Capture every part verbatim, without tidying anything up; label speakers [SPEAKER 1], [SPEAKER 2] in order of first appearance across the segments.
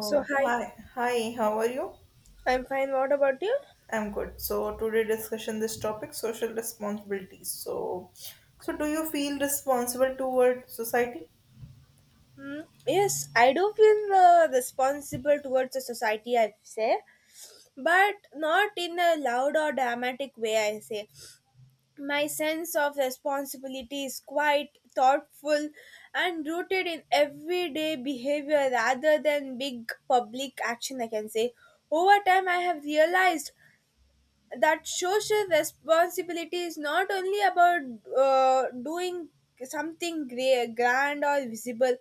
[SPEAKER 1] So, hi,
[SPEAKER 2] hi, hi, how are you?
[SPEAKER 1] I'm fine. What about you?
[SPEAKER 2] I'm good. So, today discussion this topic social responsibilities. So, so do you feel responsible toward society?
[SPEAKER 1] Mm, yes, I do feel uh, responsible towards the society, I say, but not in a loud or dramatic way, I say. My sense of responsibility is quite thoughtful and rooted in everyday behavior rather than big public action, I can say. Over time, I have realized that social responsibility is not only about uh, doing something great, grand or visible,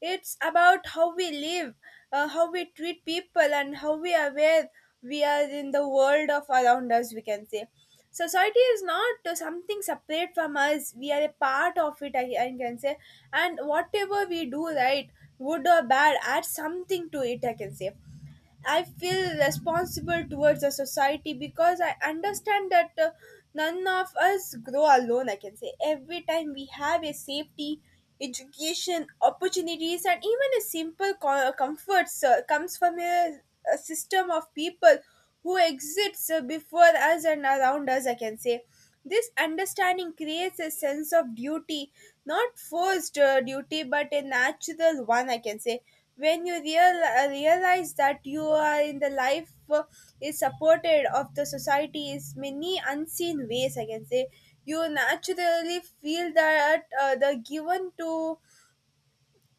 [SPEAKER 1] it's about how we live, uh, how we treat people and how we are aware we are in the world of around us, we can say. Society is not uh, something separate from us, we are a part of it, i, I can say, and whatever we do, right, good or bad, add something to it, I can say. I feel responsible towards the society because I understand that, uh, none of us grow alone. I can say every time we have a safety, education, opportunities, and even a simple co- comfort uh, comes from a, a system of people who exists uh, before us and around us, I can say. This understanding creates a sense of duty, not forced uh, duty, but a natural one, I can say. When you real, uh, realize that you are in the life, uh, is supported of the society is many unseen ways, I can say. You naturally feel that, uh, the given to,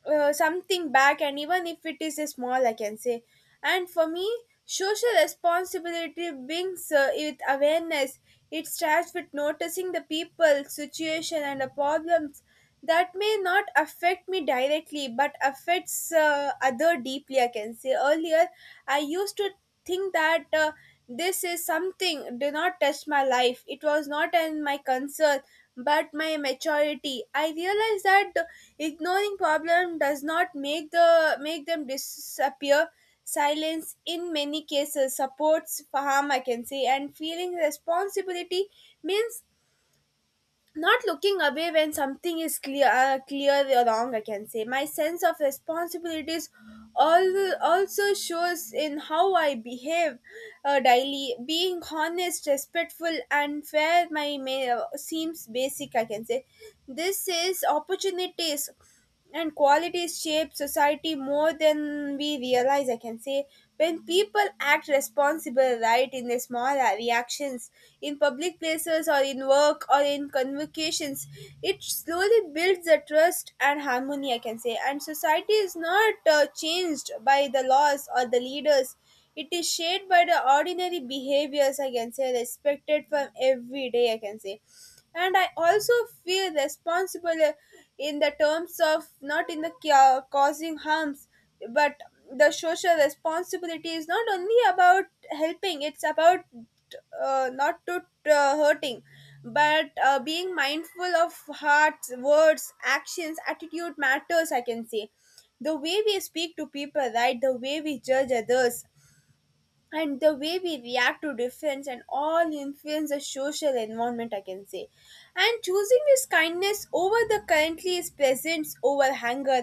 [SPEAKER 1] uh, something back, and even if it is a small, I can say. And for me, social responsibility brings uh, with awareness. It starts with noticing the people situation and the problems that may not affect me directly, but affects uh, other deeply, I can say. Earlier I used to think that, uh, this is something did not touch my life, it was not in my concern, but my maturity I realized that ignoring problem does not make the make them disappear. Silence in many cases supports harm, I can say, and feeling responsibility means not looking away when something is clear uh, clear or wrong, I can say. My sense of responsibilities all also shows in how I behave, uh, daily being honest, respectful and fair, my may, uh, seems basic, I can say. This is opportunities and qualities shape society more than we realize, I can say. When people act responsible, right, in their small uh, reactions in public places or in work or in convocations, it slowly builds the trust and harmony, I can say. And society is not uh, changed by the laws or the leaders, it is shaped by the ordinary behaviors, I can say, respected from every day, I can say. And I also feel responsible, uh, in the terms of not in the ca- causing harms, but the social responsibility is not only about helping; it's about uh, not to uh, hurting, but uh, being mindful of hearts, words, actions, attitude matters. I can say the way we speak to people, right? The way we judge others, and the way we react to difference and all influence the social environment, I can say. And choosing this kindness over the currently is presence over anger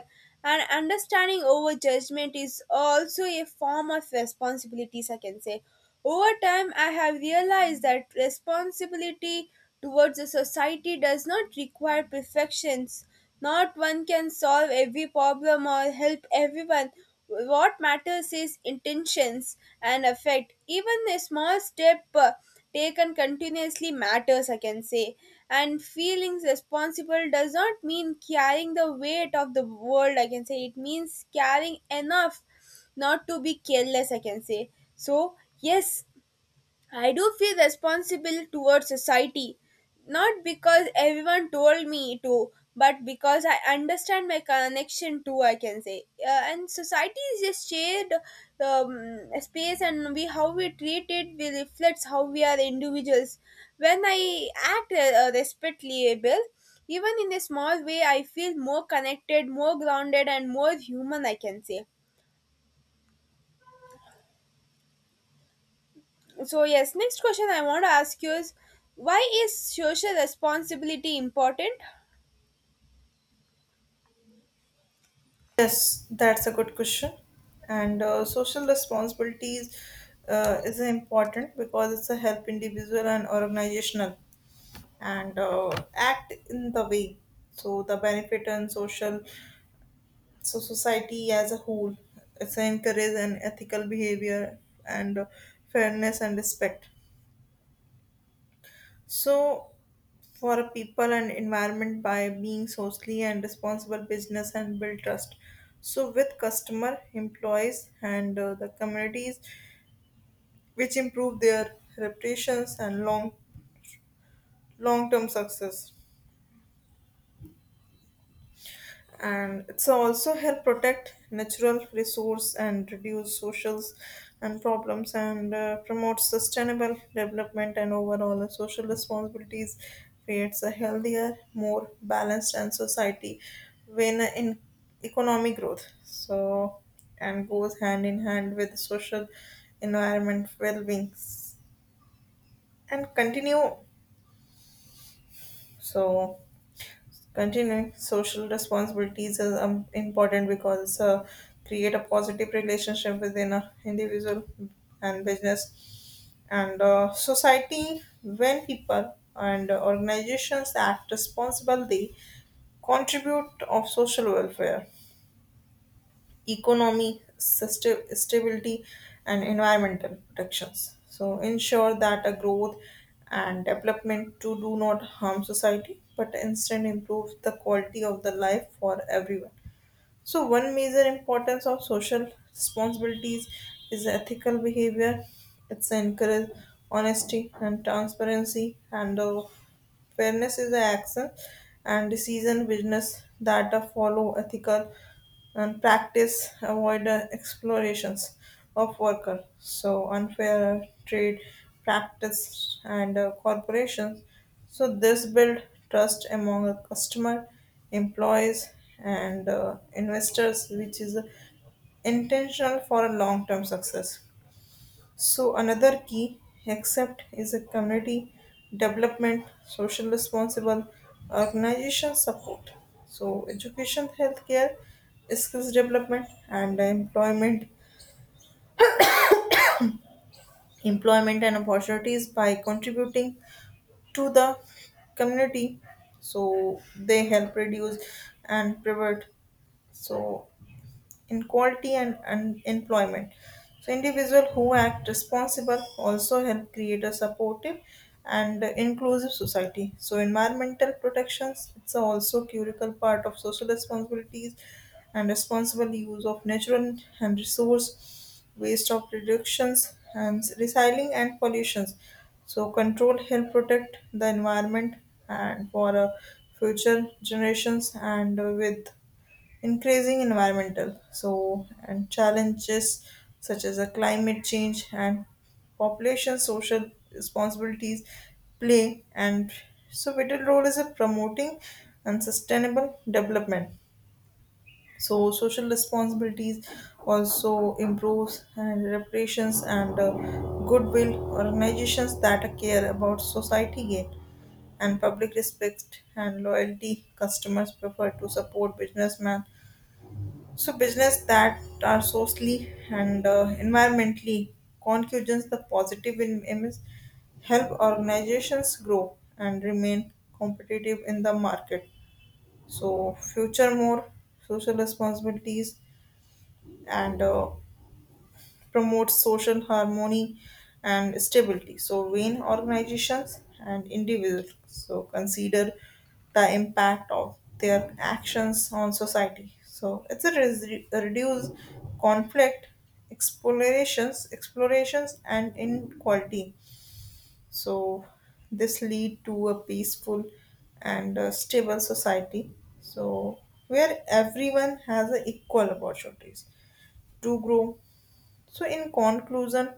[SPEAKER 1] and understanding over judgment is also a form of responsibilities, I can say. Over time, I have realized that responsibility towards the society does not require perfections. Not one can solve every problem or help everyone. What matters is intentions and effect. Even a small step, uh, taken continuously matters, I can say. And feeling responsible does not mean carrying the weight of the world, I can say. It means carrying enough not to be careless, I can say. So, yes, I do feel responsible towards society, not because everyone told me to, but because I understand my connection to, I can say. Uh, and society is a shared um, space, and we how we treat it will reflects how we are individuals. When I act uh, respectable, even in a small way, I feel more connected, more grounded, and more human, I can say. So yes, next question I want to ask you is, why is social responsibility important?
[SPEAKER 2] Yes, that's a good question. And uh, social responsibilities uh, is important because it's a help individual and organizational and uh, act in the way. So the benefit and social so society as a whole it's encourage an ethical behavior and uh, fairness and respect so for a people and environment by being socially and responsible business and build trust so with customer employees and uh, the communities which improve their reputations and long long term success and it's also help protect natural resource and reduce socials and problems and uh, promote sustainable development and overall uh, social responsibilities creates a healthier more balanced and society when uh, in economic growth so and goes hand in hand with social environment well-being and continue so continuing social responsibilities is um, important because uh, create a positive relationship within a individual and business and uh, society when people and organizations act responsibly, they contribute of social welfare economy, susta- stability, and environmental protections. So, ensure that a growth and development to do not harm society but instead improve the quality of the life for everyone. So one major importance of social responsibilities is ethical behavior. It's encourage honesty and transparency and uh, fairness is the action and decision business that uh, follow ethical and practice avoid uh, explorations of worker. So unfair trade practice and uh, corporations. So this build trust among a customer employees and uh, investors which is intentional for a long term success so another key accept is a community development social responsible organization support so education healthcare skills development and employment employment and opportunities by contributing to the community so they help reduce and prevent so inequality and unemployment. So individuals who act responsible also help create a supportive and inclusive society. So environmental protections it's also critical part of social responsibilities and responsible use of natural and resource waste of reductions and recycling and pollutions. So control help protect the environment and for uh, future generations and uh, with increasing environmental so and challenges such as a climate change and population social responsibilities play and so vital role is a promoting and sustainable development so social responsibilities also improves and reparations and uh, goodwill organizations that care about society gain and public respect and loyalty customers prefer to support businessmen so business that are socially and uh, environmentally contributions the positive in image help organizations grow and remain competitive in the market. So future more social responsibilities and uh, promotes social harmony and stability. So, when organizations and individuals so consider the impact of their actions on society, so it's a, res- a reduce conflict, explorations, explorations, and inequality. So, this lead to a peaceful and uh, stable society. So, where everyone has a equal opportunities to grow so, in conclusion,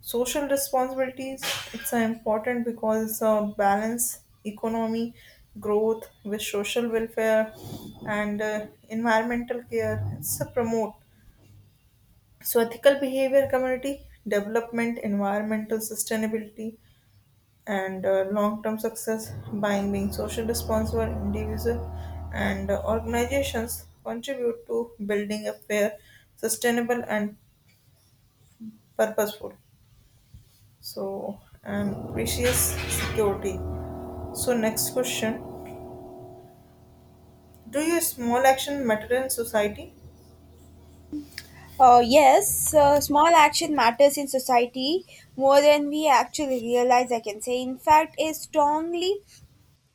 [SPEAKER 2] social responsibilities it's uh, important because it's a balance economy growth with social welfare and uh, environmental care. It's a promote so ethical behavior, community development, environmental sustainability, and uh, long-term success by being social responsible individual and uh, organizations contribute to building a fair, sustainable, and purposeful So, and precious security. So, next question do your small action matter in society?
[SPEAKER 1] Uh, yes, uh, Small action matters in society more than we actually realize, I can say. In fact, a strongly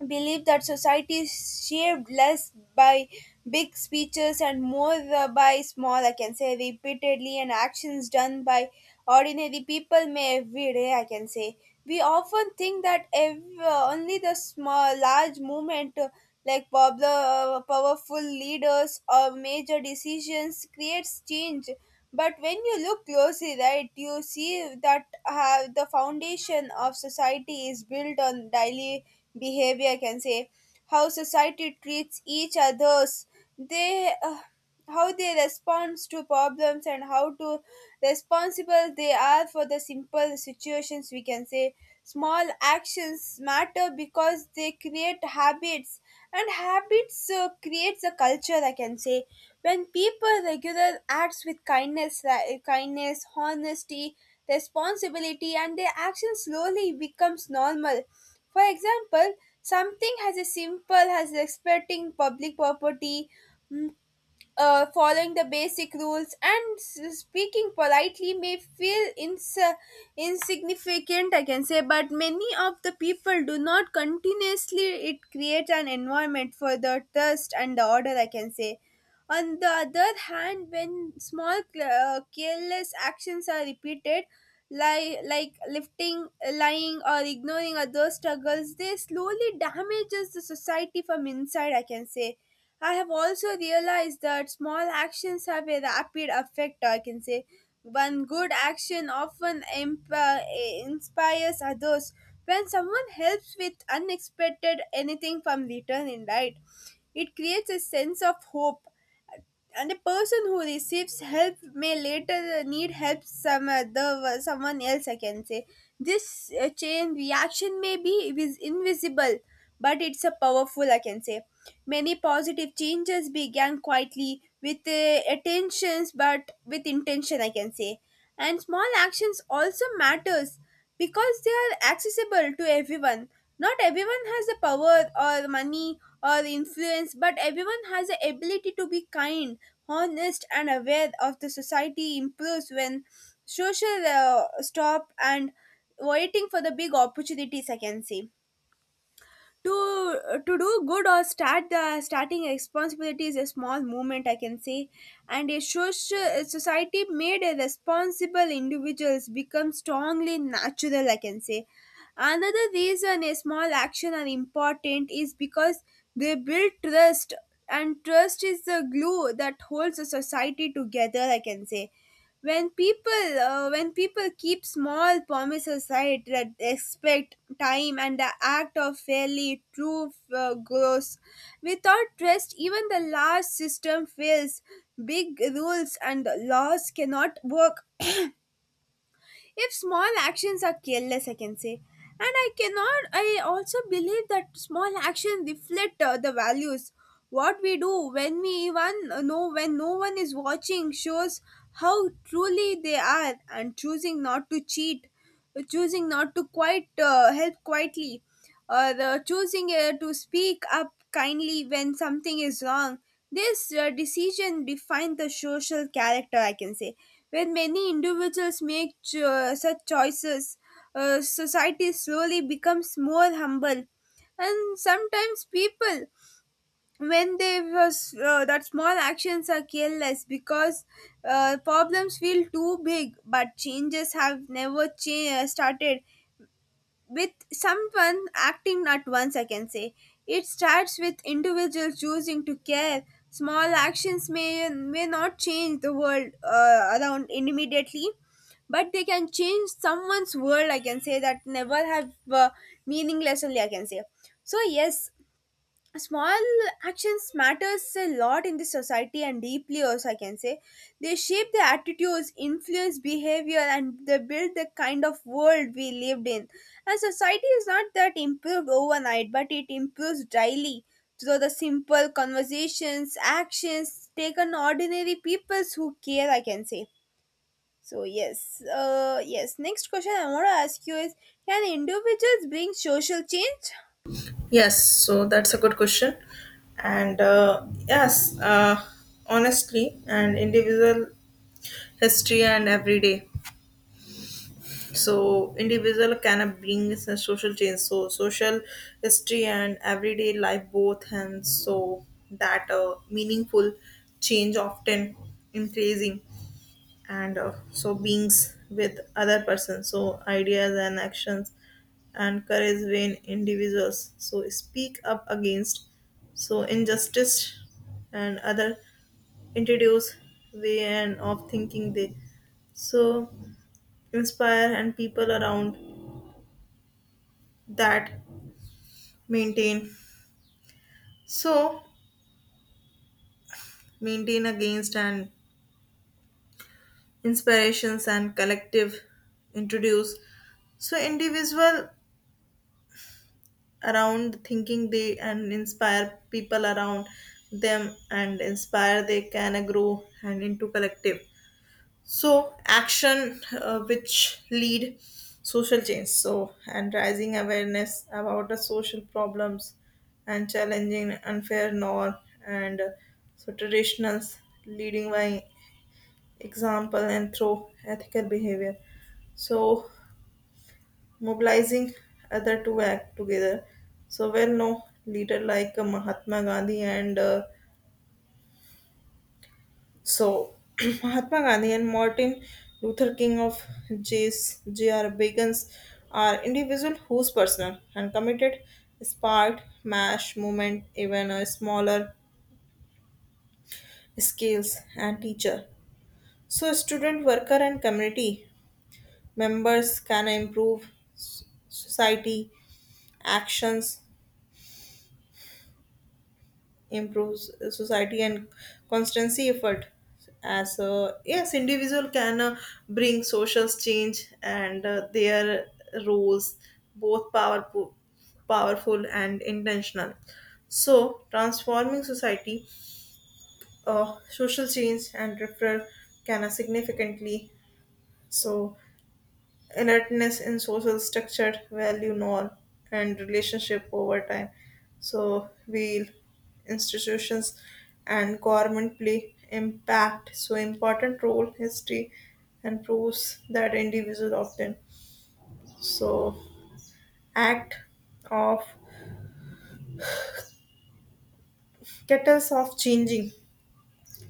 [SPEAKER 1] believe that society is shaped less by big speeches and more, uh, by small, I can say, repeatedly, and actions done by ordinary people may every day, I can say. We often think that ev- uh, only the small, large movement, uh, like popular, powerful leaders or major decisions creates change, but when you look closely, right, you see that have the foundation of society is built on daily behavior. I can say how society treats each others. They, uh, how they respond to problems and how to responsible they are for the simple situations, we can say. Small actions matter because they create habits, and habits uh, creates a culture, I can say. When people regular acts with kindness uh, kindness honesty, responsibility, and their action slowly becomes normal. For example, something as a simple as respecting public property, uh, following the basic rules and s- speaking politely may feel ins- uh, insignificant, I can say, but many of the people do not continuously. It creates an environment for the trust and the order, I can say. On the other hand, when small cl- uh, careless actions are repeated, li- like lifting, lying, or ignoring other struggles, they slowly damages the society from inside. I can say. I have also realized that small actions have a rapid effect. I can say one good action often imp- uh, inspires others. When someone helps with unexpected anything from return in light, it creates a sense of hope, and a person who receives help may later need help some other someone else, I can say. This uh, chain reaction may be vis- invisible, but it's a powerful, I can say. Many positive changes began quietly with uh, attentions, but with intention, I can say. And small actions also matters because they are accessible to everyone. Not everyone has the power or money or influence, but everyone has the ability to be kind, honest, and aware of the society improves when social uh, stop and waiting for the big opportunities, I can say, to uh, to do good or start the starting responsibility is a small movement, I can say. And a social society made a responsible individuals become strongly natural, I can say. Another reason a small action are important is because they build trust, and trust is the glue that holds a society together, I can say. When people uh, when people keep small promises, right, that expect time and the act of fairly true, uh, grows. Without trust even the large system fails. Big rules and laws cannot work if small actions are careless, I can say. And I cannot I also believe that small actions reflect uh, the values. What we do when we even uh, know when no one is watching shows how truly they are, and choosing not to cheat, choosing not to quite uh, help quietly, or uh, choosing uh, to speak up kindly when something is wrong. This uh, decision defined the social character, I can say. When many individuals make cho- such choices, uh, society slowly becomes more humble. And sometimes people, when they was uh, that small actions are careless because, uh, problems feel too big, but changes have never cha- started with someone acting not once, I can say. It starts with individuals choosing to care. Small actions may, may not change the world uh, around immediately, but they can change someone's world, I can say, that never have, uh, meaning lesson, I can say. So, yes, small actions matters a lot in the society and deeply also, I can say. They shape the attitudes, influence behavior, and they build the kind of world we lived in. And society is not that improved overnight, but it improves daily through the simple conversations, actions taken ordinary people who care, I can say. So yes, uh yes next question I want to ask you is, can individuals bring social change?
[SPEAKER 2] Yes, so that's a good question. And uh, yes, uh, honestly, and individual history and everyday. So, individual can bring a social change. So, social history and everyday life both, and so that uh, meaningful change often increasing. And uh, so beings with other persons so ideas and actions and courage vain individuals so speak up against so injustice and other introduce way and of thinking they so inspire and people around that maintain so maintain against and inspirations and collective introduce so individual around thinking they and inspire people around them and inspire they can grow and into collective so action uh, which lead social change so and rising awareness about the social problems and challenging unfair norm and uh, so traditionals leading by example and through ethical behavior so mobilizing other to act together. So well known leader like uh, Mahatma Gandhi and uh, so Mahatma Gandhi and Martin Luther King of J's J R. Bagans are individuals whose personal and committed sparked mass movement even a smaller scales and teacher. So student worker and community members can improve s- society actions improves society and constancy effort as uh, yes individual can uh, bring social change and uh, their roles both powerful powerful and intentional so transforming society uh, social change and referral can uh, significantly so inertness in social structure, value norm, and relationship over time. So we institutions and government play impact so important role history and proves that individual often so act of catalyst of changing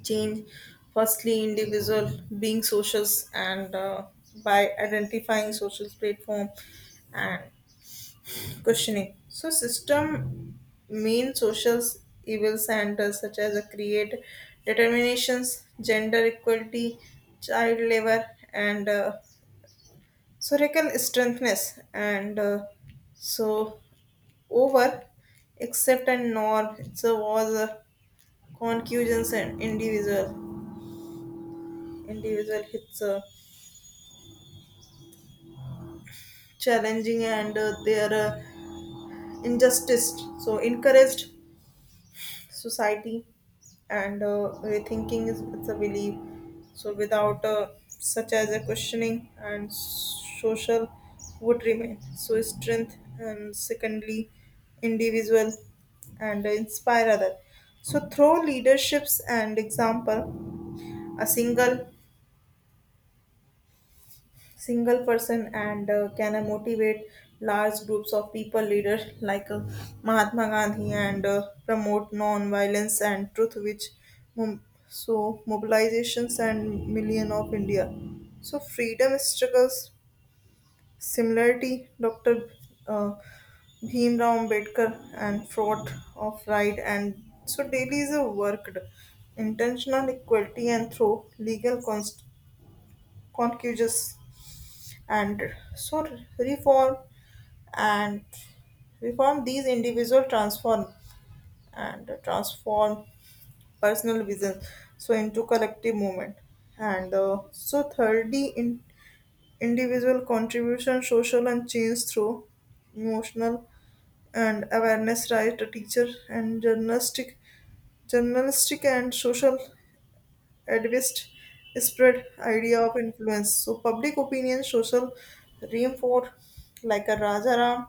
[SPEAKER 2] change firstly individual being socials and uh, by identifying social platform and questioning. So, system mean social evil centers such as a create determinations, gender equality, child labor, and uh, so reckon strengthness and uh, so over accept and norm. It's a was a concussions and individual individual. It's uh, challenging and uh, their uh, injustice. So encouraged society and uh, rethinking is it's a belief so without uh, such as a questioning and social would remain so strength and secondly individual and inspire other so through leaderships and example a single single person and uh, can uh, motivate large groups of people leaders like uh, Mahatma Gandhi and uh, promote non-violence and truth which mo- so mobilizations and million of India so freedom struggles similarity Dr. uh, Bhimrao Ambedkar and fraud of right and so daily is a worked intentional equality and through legal const- concussions and so reform and reform these individual transform and transform personal vision so into collective movement and uh, so thirdly in individual contribution social and change through emotional and awareness right a teacher and journalistic journalistic and social activists spread idea of influence. So public opinion, social reinforce like a Rajaram,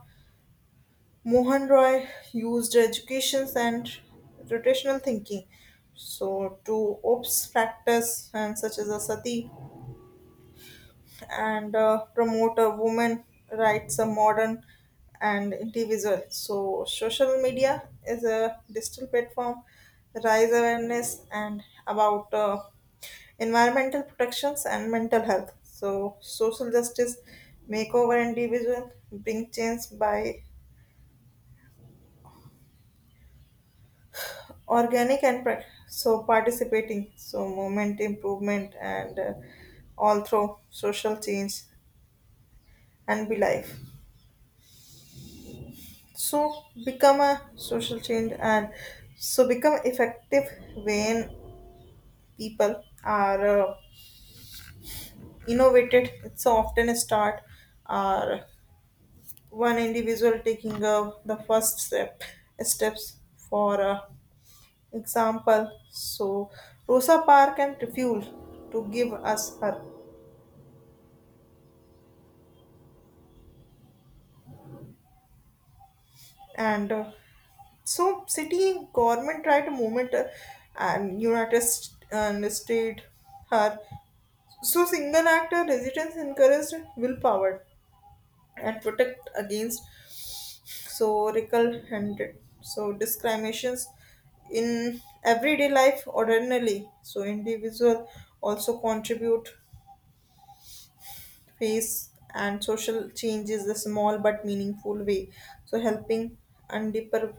[SPEAKER 2] Mohan Roy used education and rotational thinking. So to ops practice and such as a sati and uh, promote a women rights, a modern and individual. So social media is a digital platform, rise awareness and about uh, environmental protections and mental health. So social justice, make over individual, bring change by organic and pra- so participating. So movement improvement and uh, all through social change and be life. So become a social change and so become effective when people are uh, innovated it's often a start or one individual taking uh, the first step steps for uh, example so Rosa Park and refuel to give us her and uh, so city government tried to movement uh, and united St- uh, and state her so single actor residents encouraged willpower and protect against so recul handed so discriminations in everyday life ordinarily so individual also contribute face and social change is a small but meaningful way so helping and deeper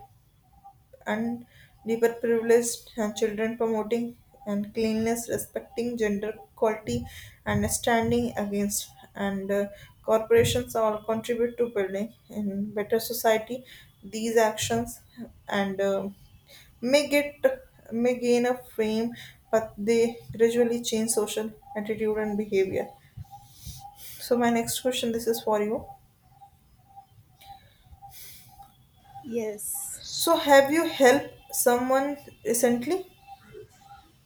[SPEAKER 2] and deeper privileged and children promoting and cleanliness respecting gender equality and standing against and uh, corporations all contribute to building in better society these actions and um may get may gain a fame but they gradually change social attitude and behavior so my next question this is for you
[SPEAKER 1] Yes.
[SPEAKER 2] so have you helped someone recently?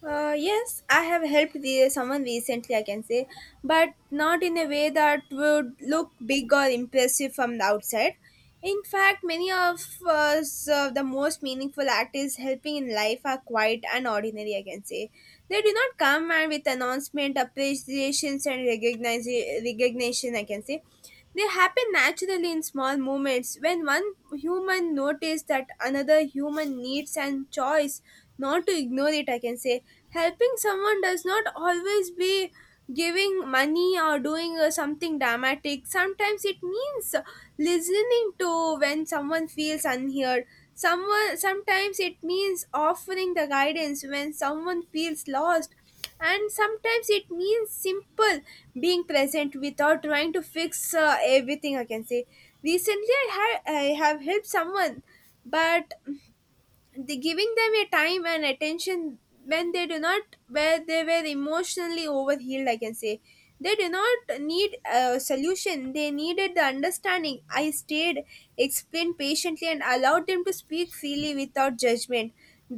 [SPEAKER 1] Uh, yes, I have helped the, someone recently, I can say, but not in a way that would look big or impressive from the outside. In fact, many of us, uh, the most meaningful act is helping in life are quiet and ordinary, I can say. They do not come and with announcement, appreciations, and recognize, recognition, I can say. They happen naturally in small moments when one human notices that another human needs and choice not to ignore it, I can say. Helping someone does not always be giving money or doing uh, something dramatic. Sometimes it means listening to when someone feels unheard, someone sometimes it means offering the guidance when someone feels lost, and sometimes it means simple being present without trying to fix uh, everything, I can say. Recently I had I have helped someone, but the giving them a time and attention when they do not, where they were emotionally overhealed, I can say. They do not need a solution, they needed the understanding. I stayed, explained patiently, and allowed them to speak freely without judgment.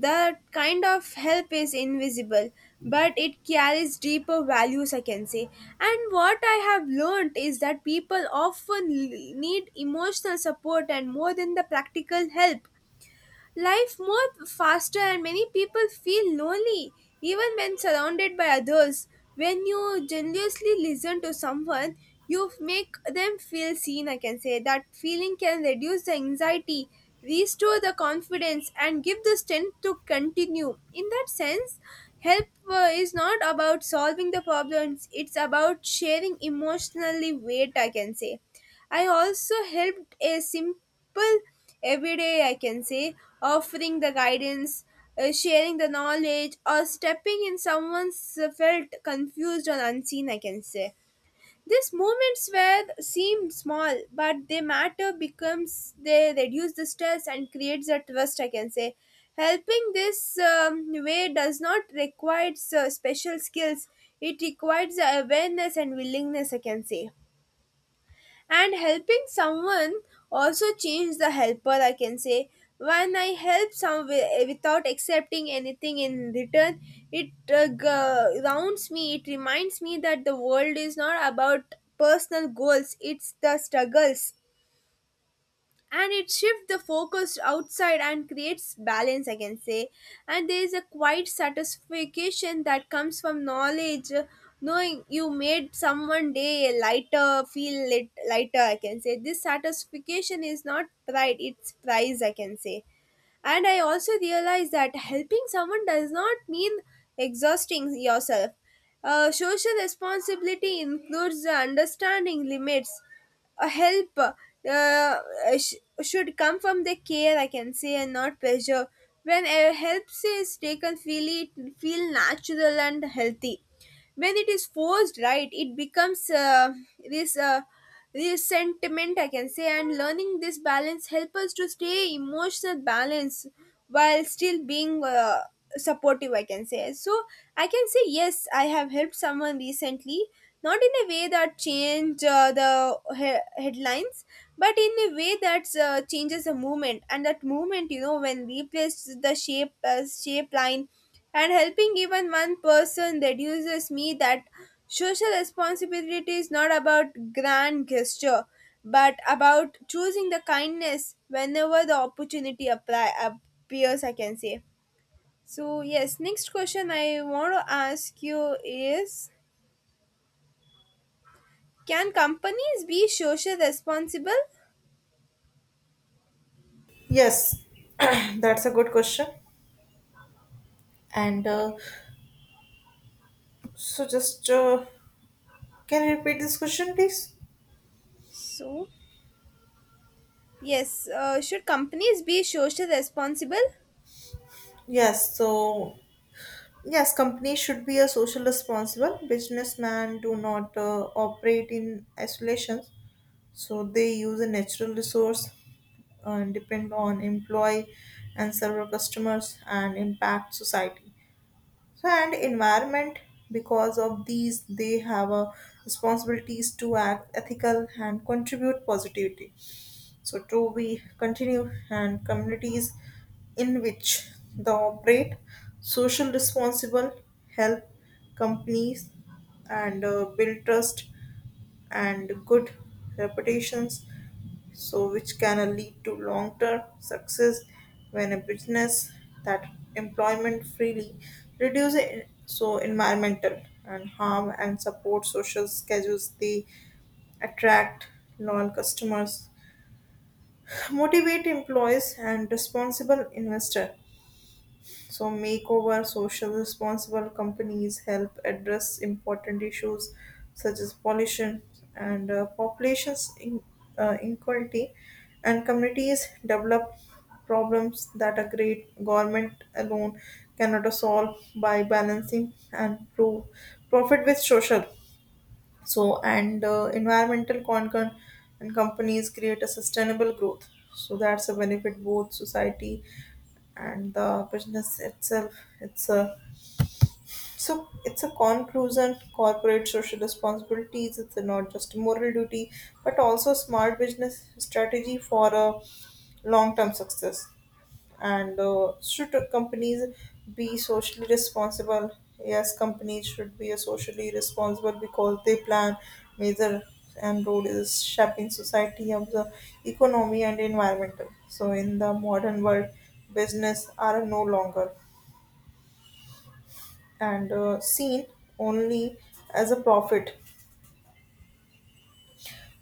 [SPEAKER 1] That kind of help is invisible, but it carries deeper values, I can say. And what I have learned is that people often l- need emotional support and more than the practical help. Life moved faster and many people feel lonely even when surrounded by others. When you genuinely listen to someone, you make them feel seen, I can say. That feeling can reduce the anxiety, restore the confidence, and give the strength to continue. In that sense, help uh, is not about solving the problems, it's about sharing emotionally weight, I can say. I also helped a simple everyday, I can say, offering the guidance, uh, sharing the knowledge, or stepping in someone's uh, felt confused or unseen, I can say. These moments where seem small, but they matter becomes they reduce the stress and creates a trust, I can say. Helping this um, way does not require uh, special skills. It requires awareness and willingness, I can say. And helping someone also changes the helper, I can say. When I help someone without accepting anything in return, it, uh, g- grounds me. It reminds me that the world is not about personal goals, it's the struggles, and it shifts the focus outside and creates balance, I can say. And there is a quiet satisfaction that comes from knowledge uh, knowing you made someone day lighter, feel lit, lighter, I can say. This satisfaction is not pride, it's prize, I can say. And I also realized that helping someone does not mean exhausting yourself. Uh, social responsibility includes understanding limits. A help, uh, uh, sh- should come from the care, I can say, and not pressure. When a help is taken freely, it feel natural and healthy. When it is forced, right, it becomes, uh, this uh, resentment, I can say. And learning this balance help us to stay emotional balance while still being uh, supportive, I can say. So I can say yes, I have helped someone recently, not in a way that change, uh, the he- headlines, but in a way that uh, changes the movement, and that movement you know when replaced the shape uh, shape line. And helping even one person reduces me that social responsibility is not about grand gesture, but about choosing the kindness whenever the opportunity apply, appears, I can say. So, yes, next question I want to ask you is, can companies be social responsible?
[SPEAKER 2] Yes, that's a good question. And uh, so, just uh, can you repeat this question, please?
[SPEAKER 1] So, yes, uh, should companies be social responsible?
[SPEAKER 2] Yes, so yes, companies should be a social responsible. Businessmen do not uh, operate in isolation, so they use a natural resource and depend on employee and serve our customers and impact society. So and environment because of these they have a responsibilities to act ethical and contribute positivity so to we continue and communities in which they operate social responsible help companies and uh, build trust and good reputations so which can lead to long-term success when a business that employment freely reduce en- so environmental and harm and support social schedules they attract loyal customers motivate employees and responsible investor so, makeover social responsible companies help address important issues such as pollution and uh, populations in, uh, inequality, and communities develop problems that a great government alone cannot solve by balancing and pro- profit with social so, and uh, environmental concern and companies create a sustainable growth. So that's a benefit both society and the business itself. It's a so it's a conclusion. Corporate social responsibilities. It's not just a moral duty, but also smart business strategy for a long-term success and uh, should companies be socially responsible yes companies should be socially responsible because they plan measure, and role is shaping society of the economy and environmental so in the modern world business are no longer and uh, seen only as a profit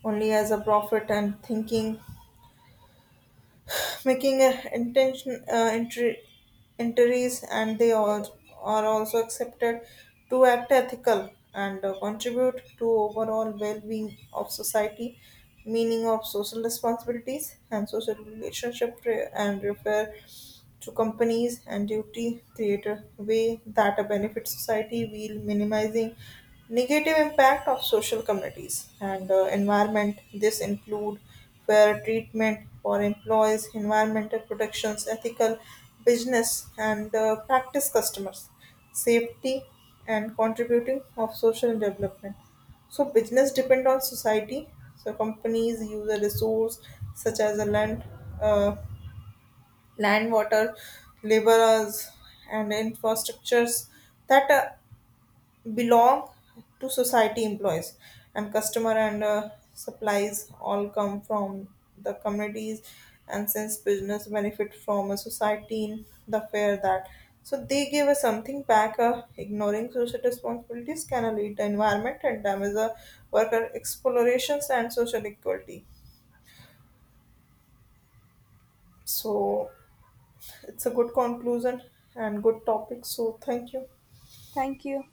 [SPEAKER 2] only as a profit and thinking making a intention uh, entry, entries and they all are also accepted to act ethical and uh, contribute to overall well-being of society meaning of social responsibilities and social relationship re- and refer to companies and duty create a way that a benefit society while minimizing negative impact of social communities and uh, environment this include fair treatment for employees, environmental protections, ethical business and uh, practice customers, safety and contributing of social development. So business depend on society. So companies use a resource such as a land, uh, land, water, laborers, and infrastructures that uh, belong to society employees and customer and uh, supplies all come from the communities and since business benefit from a society in the fair that so they give us something back uh, ignoring social responsibilities can lead to environment and damage the worker explorations and social equality so it's a good conclusion and good topic so thank you.
[SPEAKER 1] Thank you.